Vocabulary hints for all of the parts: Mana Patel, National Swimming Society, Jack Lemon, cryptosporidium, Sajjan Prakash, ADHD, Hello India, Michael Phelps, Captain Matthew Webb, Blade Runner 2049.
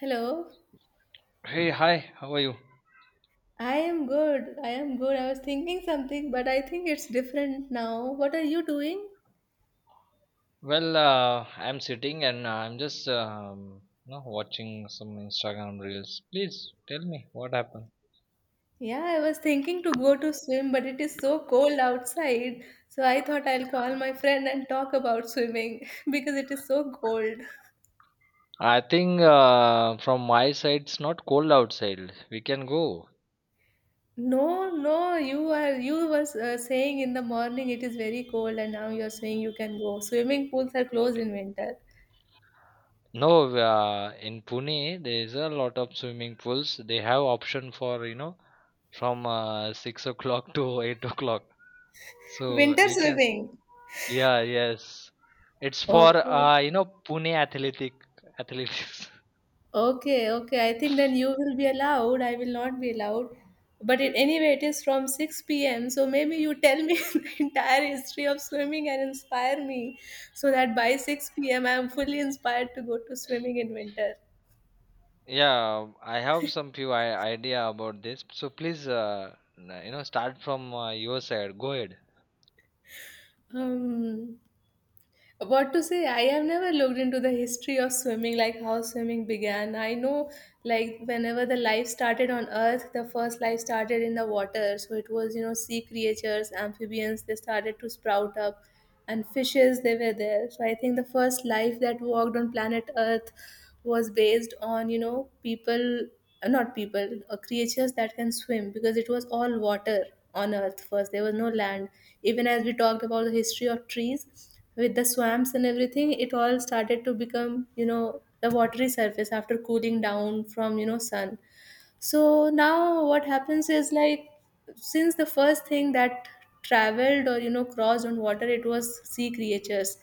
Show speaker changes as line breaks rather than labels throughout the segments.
Hello.
Hey, hi, how are you?
I am good. I am good. I was thinking something, but I think it's different now. What are you doing?
I'm sitting and I'm just watching some Instagram reels. Please tell me what happened.
Yeah, I was thinking to go to swim, but it is so cold outside. So I thought I'll call my friend and talk about swimming because it is so cold.
I think from my side, it's not cold outside. We can go.
No, no, you was saying in the morning it is very cold and now you're saying you can go. Swimming pools are closed in winter.
No, In Pune, there is a lot of swimming pools. They have option for, you know, from 6 o'clock to 8 o'clock. So
Winter
we can.
swimming.
Yeah, yes. It's for,
Okay.
you know, Pune athletics.
Okay, okay. I think then you will be allowed. I will not be allowed. But anyway, it is from 6 p.m. So maybe you tell me the entire history of swimming and inspire me so that by 6 p.m. I am fully inspired to go to swimming in winter.
Yeah, I have some few idea about this. So please, you know, start from your side. Go ahead.
Um, what to say, I have never looked into the history of swimming, like how swimming began. I know, like, whenever the life started on earth, the first life started in the water. So it was, you know, sea creatures, amphibians, they started to sprout up. And fishes, they were there. So I think the first life that walked on planet earth was based on, you know, people, not people, creatures that can swim, because it was all water on earth. First, there was no land. Even as we talked about the history of trees with the swamps and everything, it all started to become, you know, the watery surface after cooling down from, you know, sun. So now what happens is, like, since the first thing that traveled or, you know, crossed on water, it was sea creatures.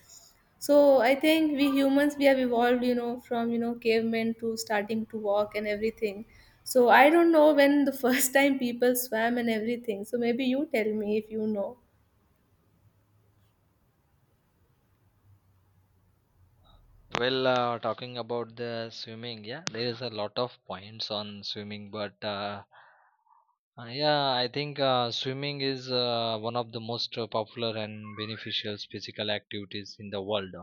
So I think we humans, we have evolved, you know, from, you know, cavemen to starting to walk and everything. So I don't know when the first time people swam and everything. So maybe you tell me if you know.
Talking about the swimming, yeah, there is a lot of points on swimming, but yeah, I think swimming is one of the most popular and beneficial physical activities in the world.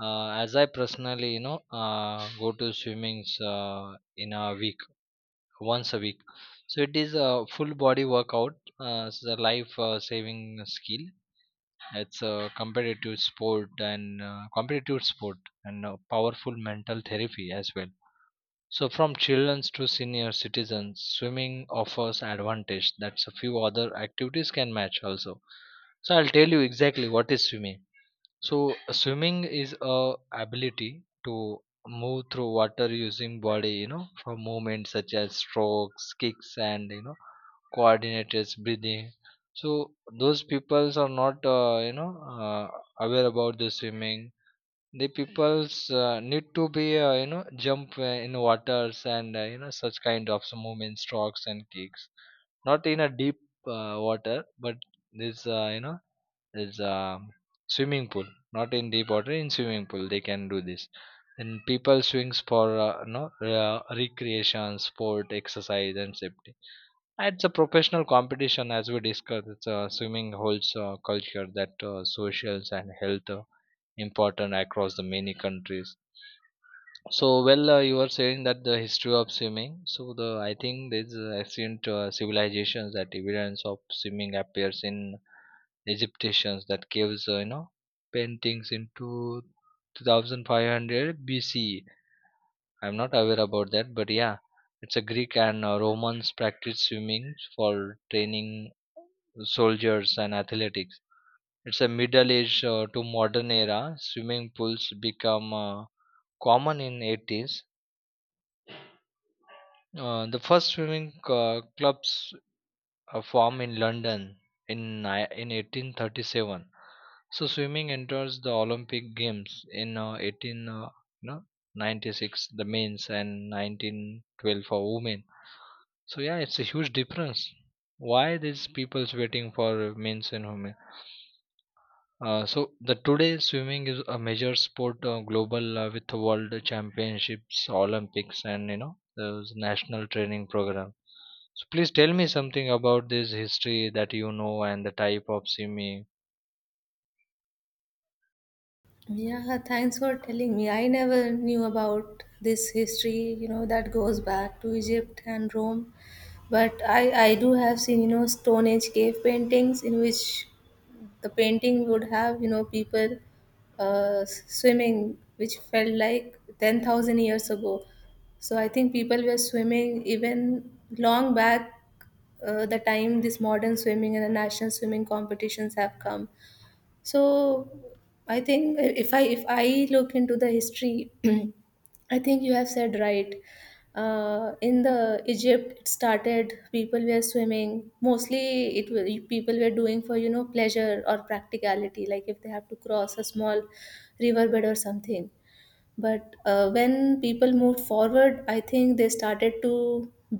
As I personally, you know, go to swimmings in a week. Once a week, so it is a full body workout. It's a life saving skill. It's a competitive sport, and a powerful mental therapy as well. So from children to senior citizens, swimming offers advantage that a few other activities can match also. So I'll tell you exactly what is swimming. So swimming is a ability to move through water using body, you know, for movements such as strokes, kicks, and you know, coordinated breathing. So those peoples are not, aware about the swimming. The peoples need to be, you know, jump in waters, and you know, such kind of some movement, strokes and kicks. Not in a deep water, but this, you know is swimming pool, not in deep water. In swimming pool they can do this. And people swings for no recreation, sport, exercise, and safety. It's a professional competition, as we discussed. It's a swimming holds culture that socials and health important across the many countries. So you were saying that the history of swimming. So the I think there's ancient civilizations that evidence of swimming appears in Egyptians, that caves, paintings into 2500 BCE. I'm not aware about that, but yeah, it's a Greek and Romans practiced swimming for training soldiers and athletics. It's a Middle Age to modern era. Swimming pools become common in '80s. The first swimming clubs a farm in London in 1837. So swimming enters the Olympic Games in 18 no, 96, the men's, and 1912 for women. So yeah, it's a huge difference. Why these people's waiting for men's and women? So the today swimming is a major sport global with world championships, Olympics, and you know, those national training program. So please tell me something about this history that you know and the type of swimming.
Yeah, thanks for telling me. I never knew about this history, you know, that goes back to Egypt and Rome. But I do have seen, you know, Stone Age cave paintings in which the painting would have, you know, people swimming, which felt like 10,000 years ago. So I think people were swimming even long back, the time this modern swimming and the national swimming competitions have come. So I think if I look into the history, I think you have said right. In the Egypt, it started. People were swimming. Mostly, people were doing for, you know, pleasure or practicality, like if they have to cross a small riverbed or something. But when people moved forward, I think they started to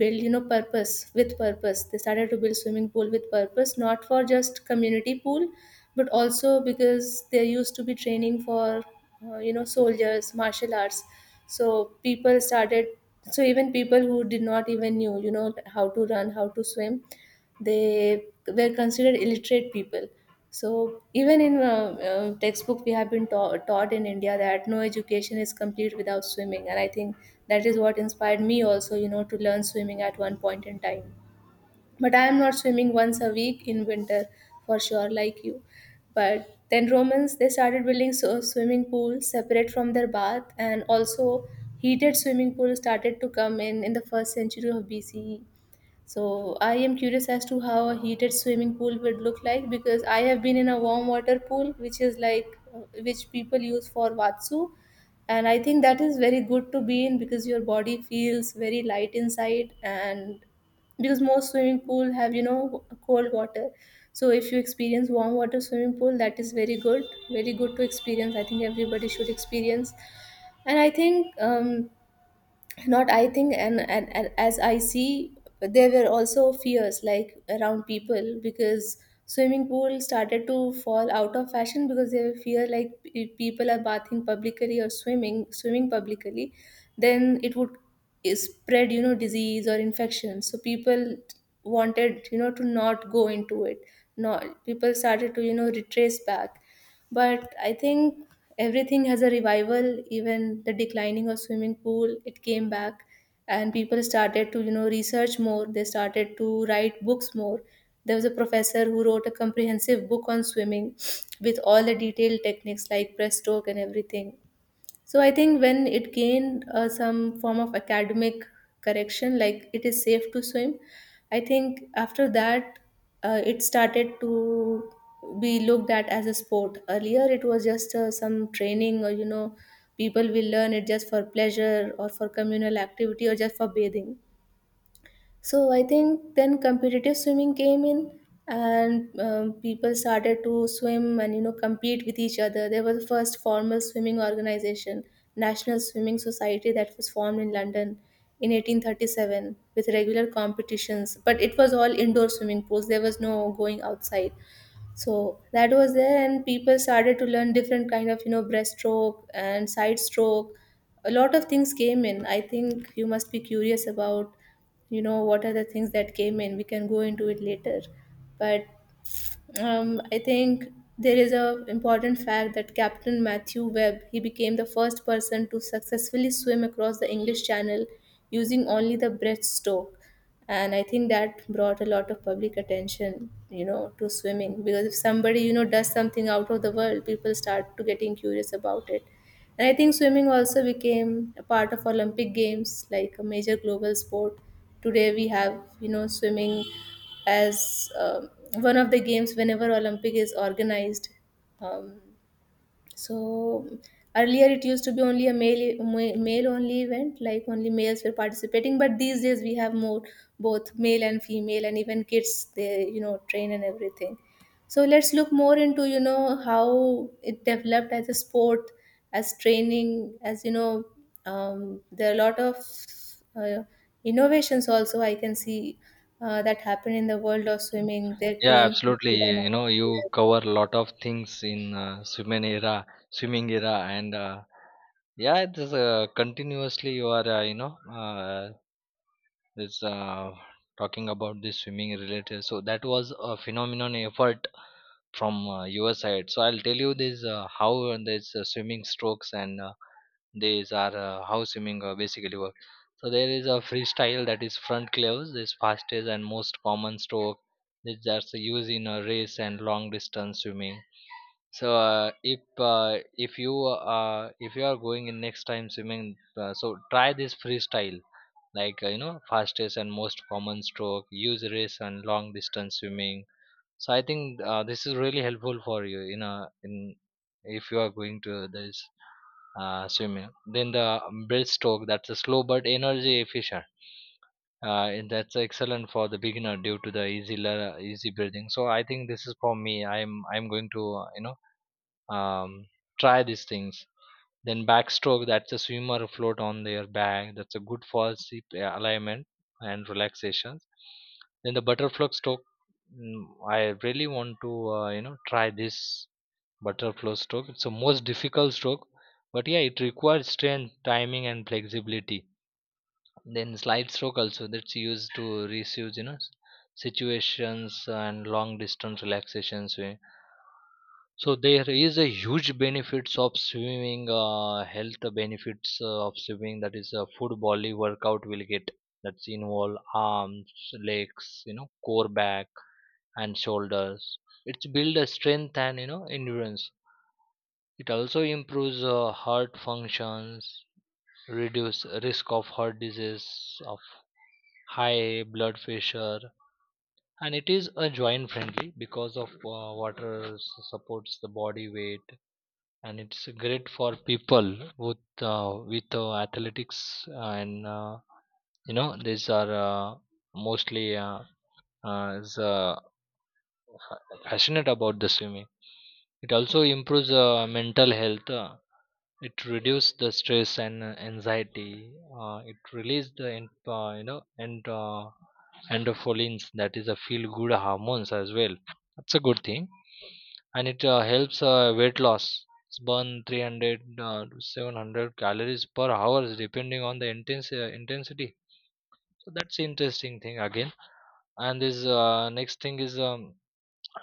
build, you know, purpose. With purpose, they started to build swimming pool with purpose, not for just community pool, but also because there used to be training for you know, soldiers, martial arts. So people started. So even people who did not even knew, you know, how to run, how to swim, they were considered illiterate people. So even in textbook we have been taught in India that no education is complete without swimming. And I think that is what inspired me also, you know, to learn swimming at one point in time, but I am not swimming once a week in winter for sure, like you. But then Romans, they started building, so swimming pools separate from their bath. And also, heated swimming pools started to come in the first century of BCE. So I am curious as to how a heated swimming pool would look like, because I have been in a warm water pool, which is like, which people use for watsu, and I think that is very good to be in because your body feels very light inside. And because most swimming pool have, you know, cold water, so if you experience warm water swimming pool, that is very good, very good to experience. I think everybody should experience. And I think. Not I think, and as I see, there were also fears, like around people, because swimming pool started to fall out of fashion, because they were fear, like if people are bathing publicly or swimming publicly, then it would spread, you know, disease or infection. So people wanted, you know, to not go into it. Not people started to, you know, retrace back. But I think everything has a revival. Even the declining of swimming pool, it came back, and people started to, you know, research more. They started to write books more. There was a professor who wrote a comprehensive book on swimming with all the detailed techniques like breaststroke and everything. So I think when it gained some form of academic correction, like it is safe to swim, I think after that, it started to be looked at as a sport. Earlier it was just some training, or you know, people will learn it just for pleasure or for communal activity or just for bathing. So I think then competitive swimming came in, and people started to swim and, you know, compete with each other. There was the first formal swimming organization, National Swimming Society, that was formed in London in 1837 with regular competitions. But it was all indoor swimming pools. There was no going outside. So that was there, and people started to learn different kind of, you know, breaststroke and side stroke. A lot of things came in. I think you must be curious about, you know, what are the things that came in. We can go into it later. But I think there is a important fact that Captain Matthew Webb, he became the first person to successfully swim across the English Channel using only the breaststroke. And I think that brought a lot of public attention, you know, to swimming, because if somebody, you know, does something out of the world, people start to getting curious about it. And I think swimming also became a part of Olympic Games, like a major global sport. Today we have, you know, swimming as one of the games whenever Olympic is organized. Um, so earlier it used to be only a male only event, like only males were participating. But these days we have more both male and female, and even kids, they, you know, train and everything. So let's look more into, you know, how it developed as a sport, as training, as you know, there are a lot of uh, innovations also I can see that happen in the world of swimming. There
Yeah,
came.
absolutely. You know you cover a lot of things in swimming era, and yeah, it is continuously you are you know this talking about this swimming related. So that was a phenomenon effort from your side. So I'll tell you this how this swimming strokes and these are how swimming basically work. So there is a freestyle that is front cleaves, this fastest and most common stroke. This is just used in a race and long distance swimming. So if you are going in next time swimming, so try this freestyle like you know, fastest and most common stroke. Use race and long distance swimming. So I think this is really helpful for you in a in if you are going to this swimming. Then the breaststroke, that's a slow but energy efficient. And that's excellent for the beginner due to the easy breathing. So I think this is for me. I'm going to um, try these things. Then backstroke, that's a swimmer float on their back. That's a good for seat alignment and relaxations. Then the butterfly stroke, I really want to you know, try this butterfly stroke. It's the most difficult stroke, but yeah, it requires strength, timing, and flexibility. Then slide stroke also, that's used to receive you know situations and long distance relaxations. So there is a huge benefits of swimming, health benefits of swimming. That is a full body workout will get. That's involve arms, legs, you know, core, back, and shoulders. It's build a strength and you know, endurance. It also improves heart functions, reduce risk of heart disease, of high blood pressure, and it is a joint friendly because of supports the body weight, and it's great for people with athletics and you know these are mostly uh, is, uh, passionate about the swimming. It also improves mental health. It reduces the stress and anxiety. Uh, it releases the en- you know and endorphins that is a feel good hormones as well. That's a good thing. And it helps weight loss. It's burn 300 to 700 calories per hour depending on the intensity. So that's interesting thing again. And this next thing is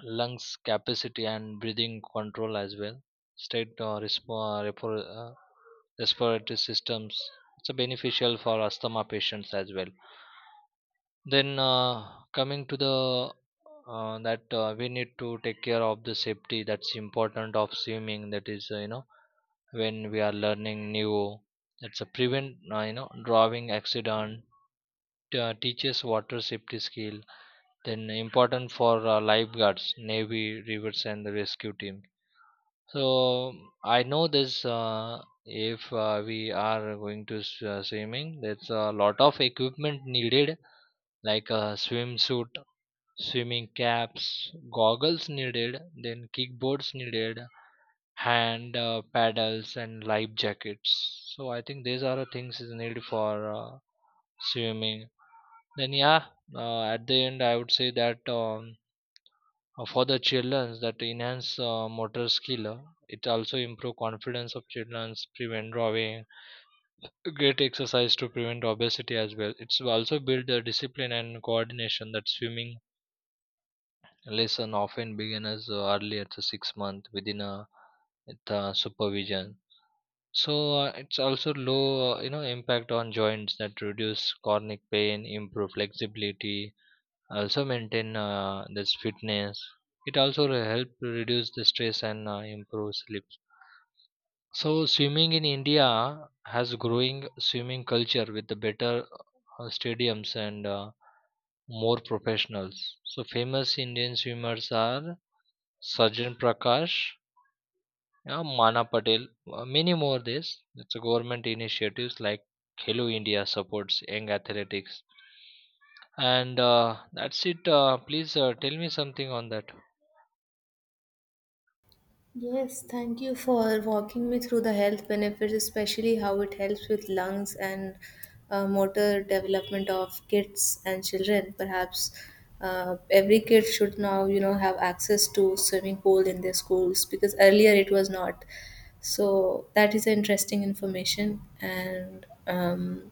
lungs capacity and breathing control as well. State respiratory systems. It's a beneficial for asthma patients as well. Then coming to the that we need to take care of the safety. That's important of swimming. That is you know, when we are learning new, that's a prevent you know, drowning accident. Teaches water safety skill. Then important for lifeguards, navy rivers, and the rescue team. So I know this if we are going to swimming, there's a lot of equipment needed, like a swimsuit, swimming caps, goggles needed, then kickboards needed, hand paddles, and life jackets. So I think these are the things is needed for swimming. Then yeah, at the end I would say that for the children that enhance motor skill, it also improve confidence of children, prevent drawing, great exercise to prevent obesity as well. It's also build the discipline and coordination, that swimming lesson often began as early as the 6 month within a the supervision. So it's also low, you know, impact on joints that reduce chronic pain, improve flexibility, also maintain this fitness. It also help reduce the stress and improve sleep. So swimming in India has growing swimming culture with the better stadiums and more professionals. So famous Indian swimmers are Sajjan Prakash, yeah, Mana Patel, many more. This it's government initiatives like Hello India supports young athletics, and that's it. Please tell me something on that.
Yes, thank you for walking me through the health benefits, especially how it helps with lungs and motor development of kids and children. Perhaps every kid should now, you know, have access to swimming pool in their schools, because earlier it was not. So that is interesting information. And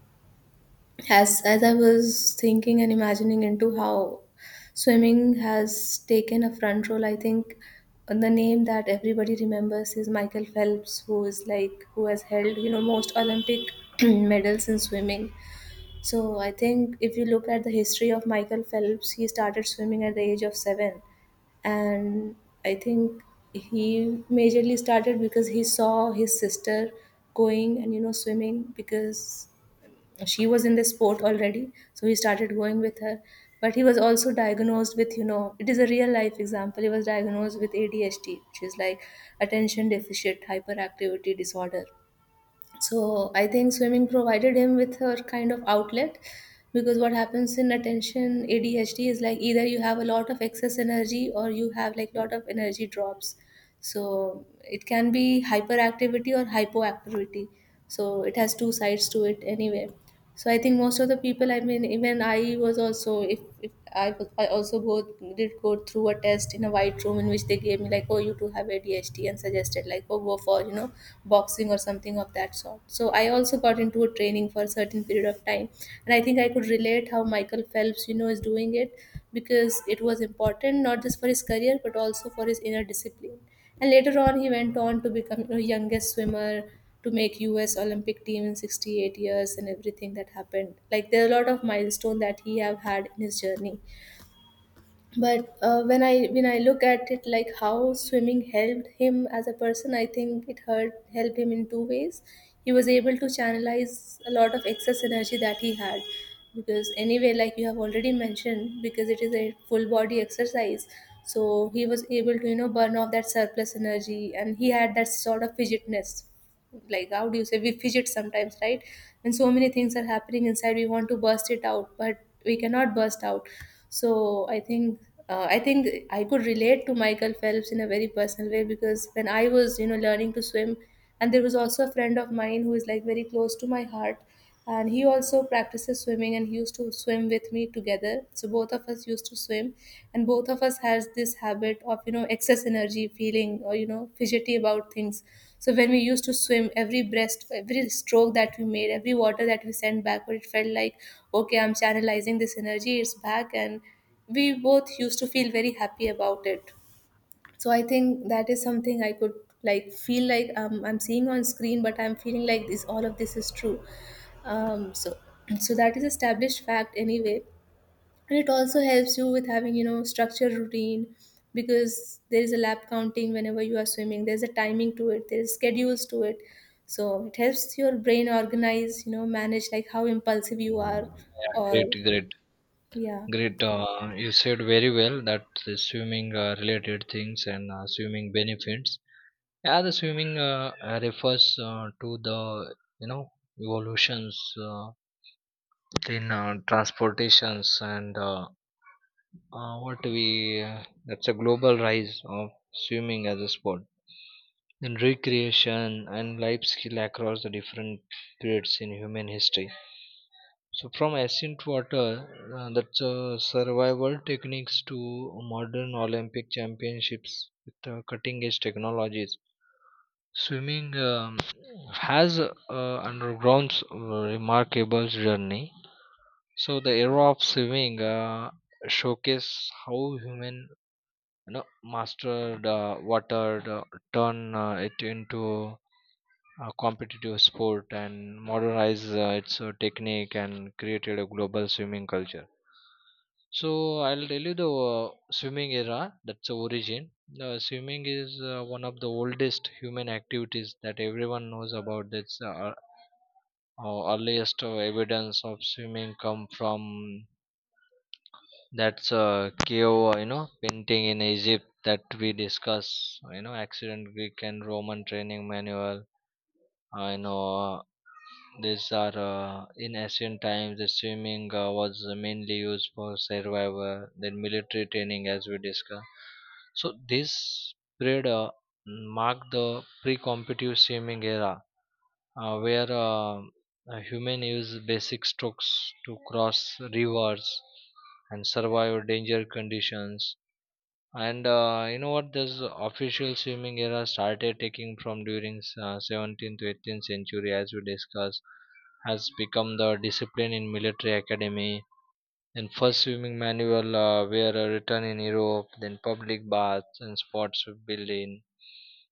as I was thinking and imagining into how swimming has taken a front role, I think the name that everybody remembers is Michael Phelps, who is like, who has held, you know, most Olympic medals in swimming. So I think if you look at the history of Michael Phelps, he started swimming at the age of 7, and I think he majorly started because he saw his sister going and, you know, swimming, because she was in this sport already, so he started going with her. But he was also diagnosed with, you know, it is a real life example, he was diagnosed with ADHD, which is like attention deficit hyperactivity disorder. So I think swimming provided him with her kind of outlet, because what happens in attention ADHD is, like, either you have a lot of excess energy, or you have like lot of energy drops. So it can be hyperactivity or hypoactivity. So it has two sides to it anyway. So I think most of the people, I mean, even I was also, if I, was, I also go through a test in a white room in which they gave me like, oh, you do have ADHD, and suggested like, oh, go for, you know, boxing or something of that sort. So I also got into a training for a certain period of time, and I think I could relate how Michael Phelps, you know, is doing it, because it was important not just for his career but also for his inner discipline. And later on, he went on to become the youngest swimmer to make US Olympic team in 68 years and everything that happened. Like, there are a lot of milestone that he have had in his journey. But when I look at it, like how swimming helped him as a person, I think it hurt helped him in two ways. He was able to channelize a lot of excess energy that he had because anyway, like you have already mentioned, because it is a full body exercise, so he was able to you know burn off that surplus energy, and he had that sort of fidgetness. Like how do you say, we fidget sometimes, right? When so many things are happening inside, we want to burst it out but we cannot burst out. So I think I could relate to Michael Phelps in a very personal way because when I was you know learning to swim, and there was also a friend of mine who is like very close to my heart, and he also practices swimming and he used to swim with me together, so both of us used to swim, and both of us has this habit of you know excess energy feeling or you know fidgety about things. So when we used to swim, every breast, every stroke that we made, every water that we sent backward, it felt like, okay, I'm channelizing this energy, it's back, and we both used to feel very happy about it. So I think that is something I could like feel like, I'm seeing on screen but I'm feeling like this, all of this is true. So so that is established fact anyway. And it also helps you with having you know structured routine, because there is a lap counting whenever you are swimming, there's a timing to it, there's schedules to it, so it helps your brain organize, you know, manage like how impulsive you are.
Great,
Or
great,
yeah.
great. You said very well that the swimming related things and swimming benefits. Yeah, the swimming refers to the you know, evolutions in transportations and what we that's a global rise of swimming as a sport, then recreation and life skill across the different periods in human history. So from ancient water, that's survival techniques to modern Olympic championships with cutting edge technologies, swimming has undergone remarkable journey. So the era of swimming showcase how human you know, mastered water, uh, turn it into a competitive sport, and modernized its technique, and created a global swimming culture. So I'll tell you the swimming era. That's the origin. Swimming is one of the oldest human activities that everyone knows about. That's earliest evidence of swimming come from, that's a cave, you know, painting in Egypt that we discuss. You know, ancient Greek and Roman training manual. I know these are in ancient times. The swimming was mainly used for survival, then military training, as we discussed. So this period marked the pre-competitive swimming era where a human use basic strokes to cross rivers and survive danger conditions. And you know what? This official swimming era started taking from during 17th to 18th century, as we discussed, has become the discipline in military academy. And first swimming manual were written in Europe, then public baths and sports were built in.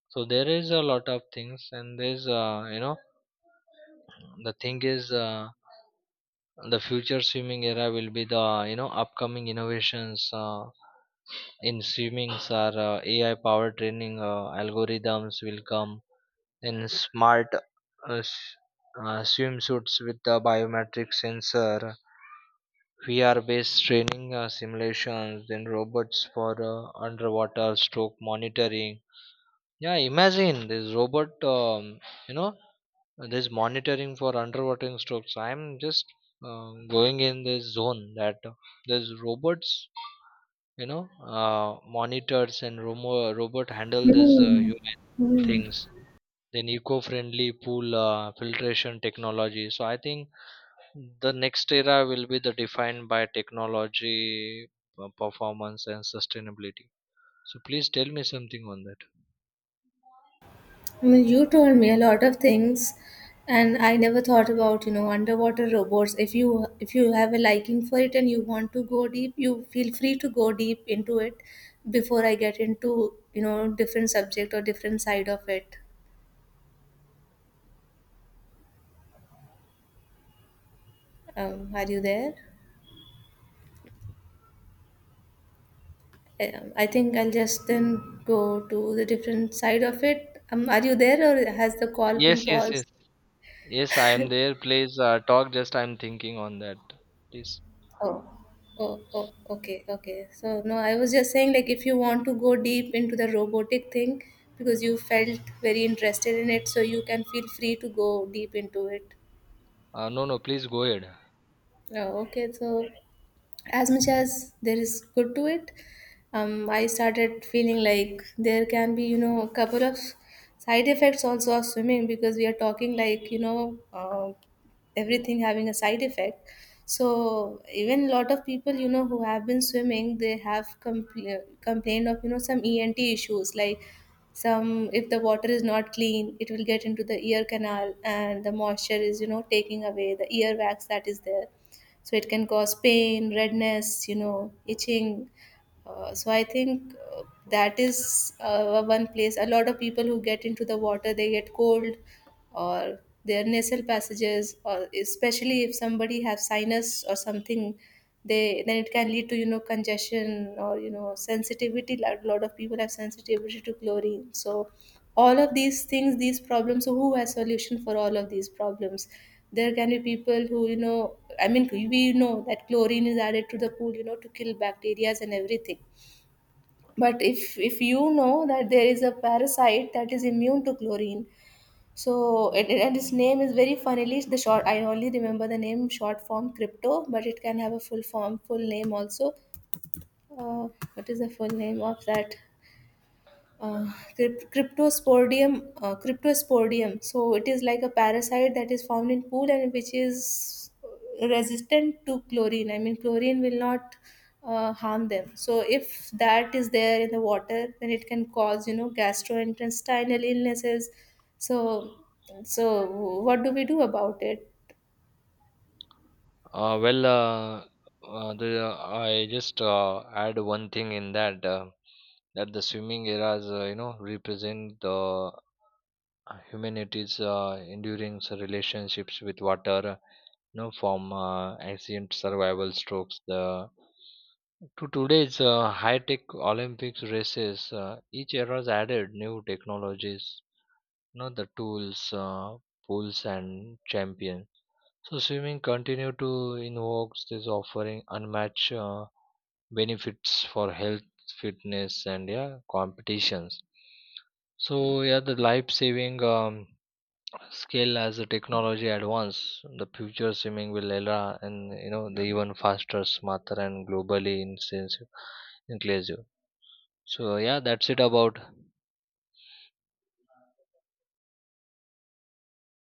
So there is a lot of things, and there's you know the thing is the future swimming era will be the upcoming innovations in swimming are AI powered training algorithms will come in smart uh, s- swimsuits with the biometric sensor, VR based training simulations, then robots for underwater stroke monitoring. Yeah, imagine this robot. You know this monitoring for underwater strokes, I'm just uh, going in this zone that there's robots, monitors and robot handle this
Hmm.
human
Hmm.
things, then eco-friendly pool filtration technology. So I think the next era will be the defined by technology, performance and sustainability. So please tell me something on that.
I mean, you told me a lot of things, and I never thought about, you know, underwater robots. If you have a liking for it and you want to go deep, you feel free to go deep into it before I get into, you know, different subject or different side of it. Are you there? I think I'll just then go to the different side of it. Are you there, or has the call
Yes,
been
yes, yes.
paused?
Yes, I am there. Please talk, just I'm thinking on that. Please.
Oh, oh, okay, okay. So no, I was just saying, like if you want to go deep into the robotic thing because you felt very interested in it, so you can feel free to go deep into it.
No, no, please go ahead.
Oh, okay. So as much as there is good to it, I started feeling like there can be you know a couple of side effects also of swimming, because we are talking like, you know, everything having a side effect. So even a lot of people, you know, who have been swimming, they have complained of you know some ENT issues, like some, if the water is not clean, it will get into the ear canal and the moisture is you know taking away the ear wax that is there, so it can cause pain, redness, you know, itching. So I think that is one place. A lot of people who get into the water, they get cold, or their nasal passages, or especially if somebody have sinus or something, they, then it can lead to you know congestion or you know sensitivity. A lot of people have sensitivity to chlorine, so all of these things, these problems. So who has solution for all of these problems? There can be people who, you know, I mean, we know that chlorine is added to the pool you know to kill bacteria and everything, but if you know that there is a parasite that is immune to chlorine. So and his name is very funnily the short. I only remember the name short form, crypto, but it can have a full form, full name also. Uh, what is the full name of that? uh, Cryptosporidium, cryptosporidium. So it is like a parasite that is found in pool and which is resistant to chlorine. I mean, chlorine will not harm them. So if that is there in the water, then it can cause you know gastrointestinal illnesses. So so what do we do about it?
Uh, well, uh, I just add one thing in that, that the swimming eras, represent the humanity's enduring relationships with water, from ancient survival strokes the to today's high-tech Olympics races. Each era's added new technologies, the tools, pools, and champions. So swimming continue to invoke this offering unmatched benefits for health, fitness, and yeah, competitions. So yeah, the life-saving skill as the technology advance, the future swimming will allow and you know the even faster, smarter, and globally intensive, inclusive. So yeah, that's it about.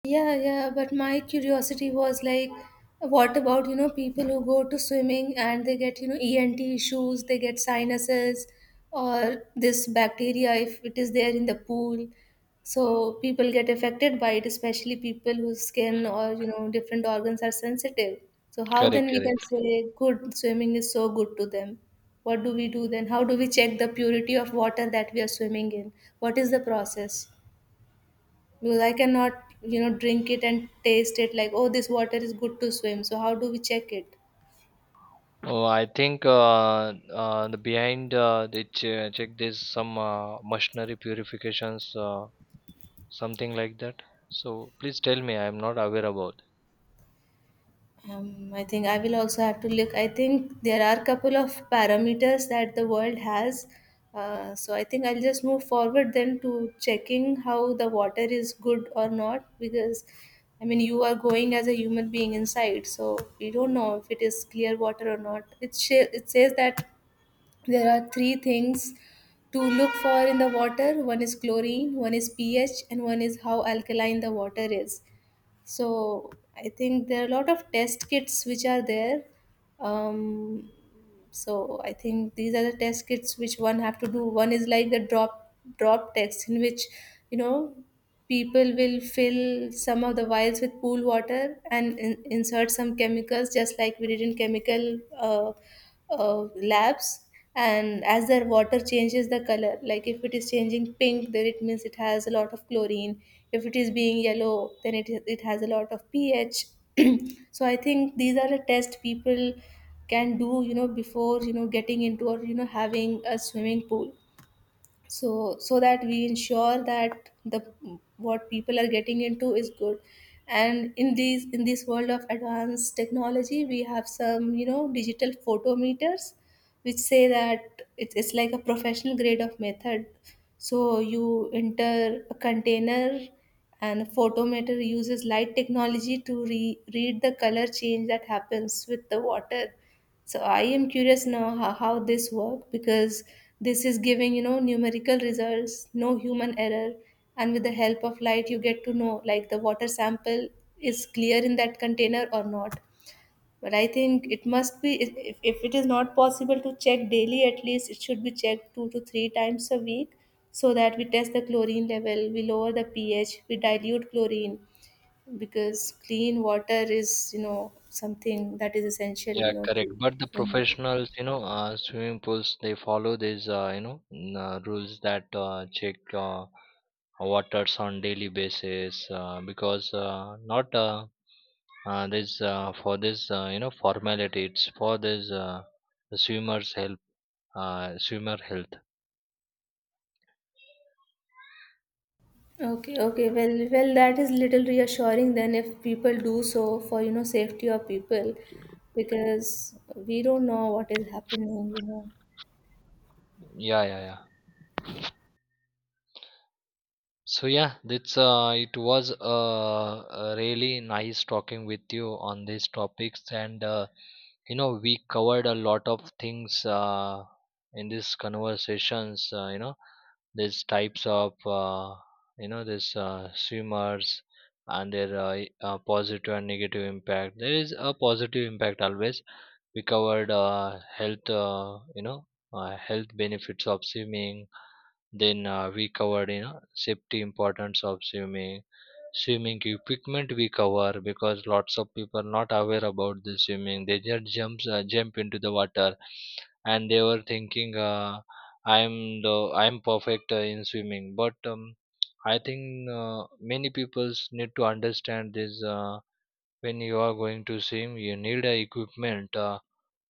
Yeah, yeah, but my curiosity was like, what about, you know, people who go to swimming and they get, you know, ENT issues, they get sinuses, or this bacteria if it is there in the pool. So people get affected by it, especially people whose skin or, you know, different organs are sensitive. So how then
Correct,
we can
correct.
say good swimming is so good to them? What do we do then? How do we check the purity of water that we are swimming in? What is the process? Because I cannot you know drink it and taste it like, oh, this water is good to swim. So how do we check it?
Oh, I think the behind, they check this some machinery purifications, something like that. So please tell me, I am not aware about.
I think I will also have to look. I think there are couple of parameters that the world has. So I think I'll just move forward then to checking how the water is good or not, because I mean, you are going as a human being inside, so you don't know if it is clear water or not. It says that there are three things to look for in the water. One is chlorine, one is pH, and one is how alkaline the water is. So I think there are a lot of test kits which are there. Um, so I think these are the test kits which one have to do. One is like the drop test in which, you know, people will fill some of the vials with pool water and insert some chemicals, just like we did in chemical labs, and as their water changes the color, like if it is changing pink, then it means it has a lot of chlorine; if it is being yellow, it has a lot of pH. So I think these are the tests people can do, you know, before you know getting into or you know having a swimming pool, so so that we ensure that the what people are getting into is good. And in these, in this world of advanced technology, we have some, you know, digital photometers which say that it's like a professional grade of method. So you enter a container and the photometer uses light technology to read the color change that happens with the water. So I am curious now how this work, because this is giving you know numerical results, no human error, and with the help of light you get to know like the water sample is clear in that container or not. But I think it must be, if it is not possible to check daily, at least it should be checked two to three times a week, so that we test the chlorine level, we lower the pH, we dilute chlorine, because clean water is you know something that is essential you
Yeah,
know
correct.
to.
But the professionals, you know, swimming pools, they follow these, rules that check waters on daily basis, because not this for this, formality. It's for this, the swimmers' help, swimmer health.
Okay, okay. Well, well, that is little reassuring then if people do so for, you know, safety of people, because we don't know what is happening, you know.
Yeah, yeah, yeah. So yeah, that's it was really nice talking with you on these topics, and you know we covered a lot of things in these conversations. These types of these swimmers and their positive and negative impact. There is a positive impact always. We covered health, health benefits of swimming, then we covered, you know, safety importance of swimming, swimming equipment we cover because lots of people not aware about the swimming. They just jump into the water, and they were thinking I'm the I'm perfect in swimming. But I think many people need to understand this. When you are going to swim, you need a equipment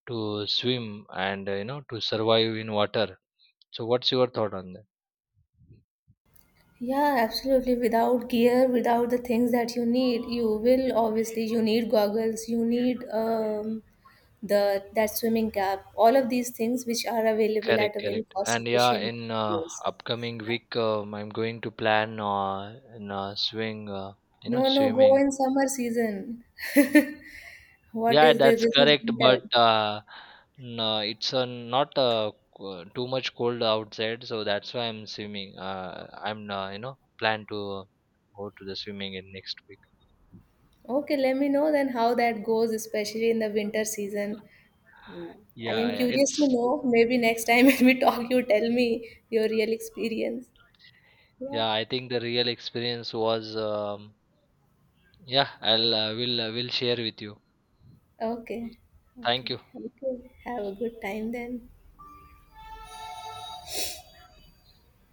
to swim and to survive in water. So, what's your thought on that?
Yeah, absolutely. Without gear, without the things that you need, you will obviously, you need goggles, you need the, that swimming cap, all of these things which are available at
Correct,
a very
correct.
cost
And yeah,
efficient
in
price.
upcoming
Yeah.
week, I'm going to plan in swing, you know,
No, no, go
swimming.
in summer season. What
Yeah,
is this?
that's
This is
correct. But
winter.
no, it's not too much cold outside, so that's why I'm swimming. I'm you know plan to go to the swimming in next week.
Okay, let me know then how that goes, especially in the winter season. Yeah. I
Yeah,
am
yeah,
curious to
it's
know. Maybe next time when we talk, you tell me your real experience. Yeah.
yeah. I think the real experience was yeah. I'll will share with you.
Okay,
Thank
okay,
you.
okay. Have a good time then.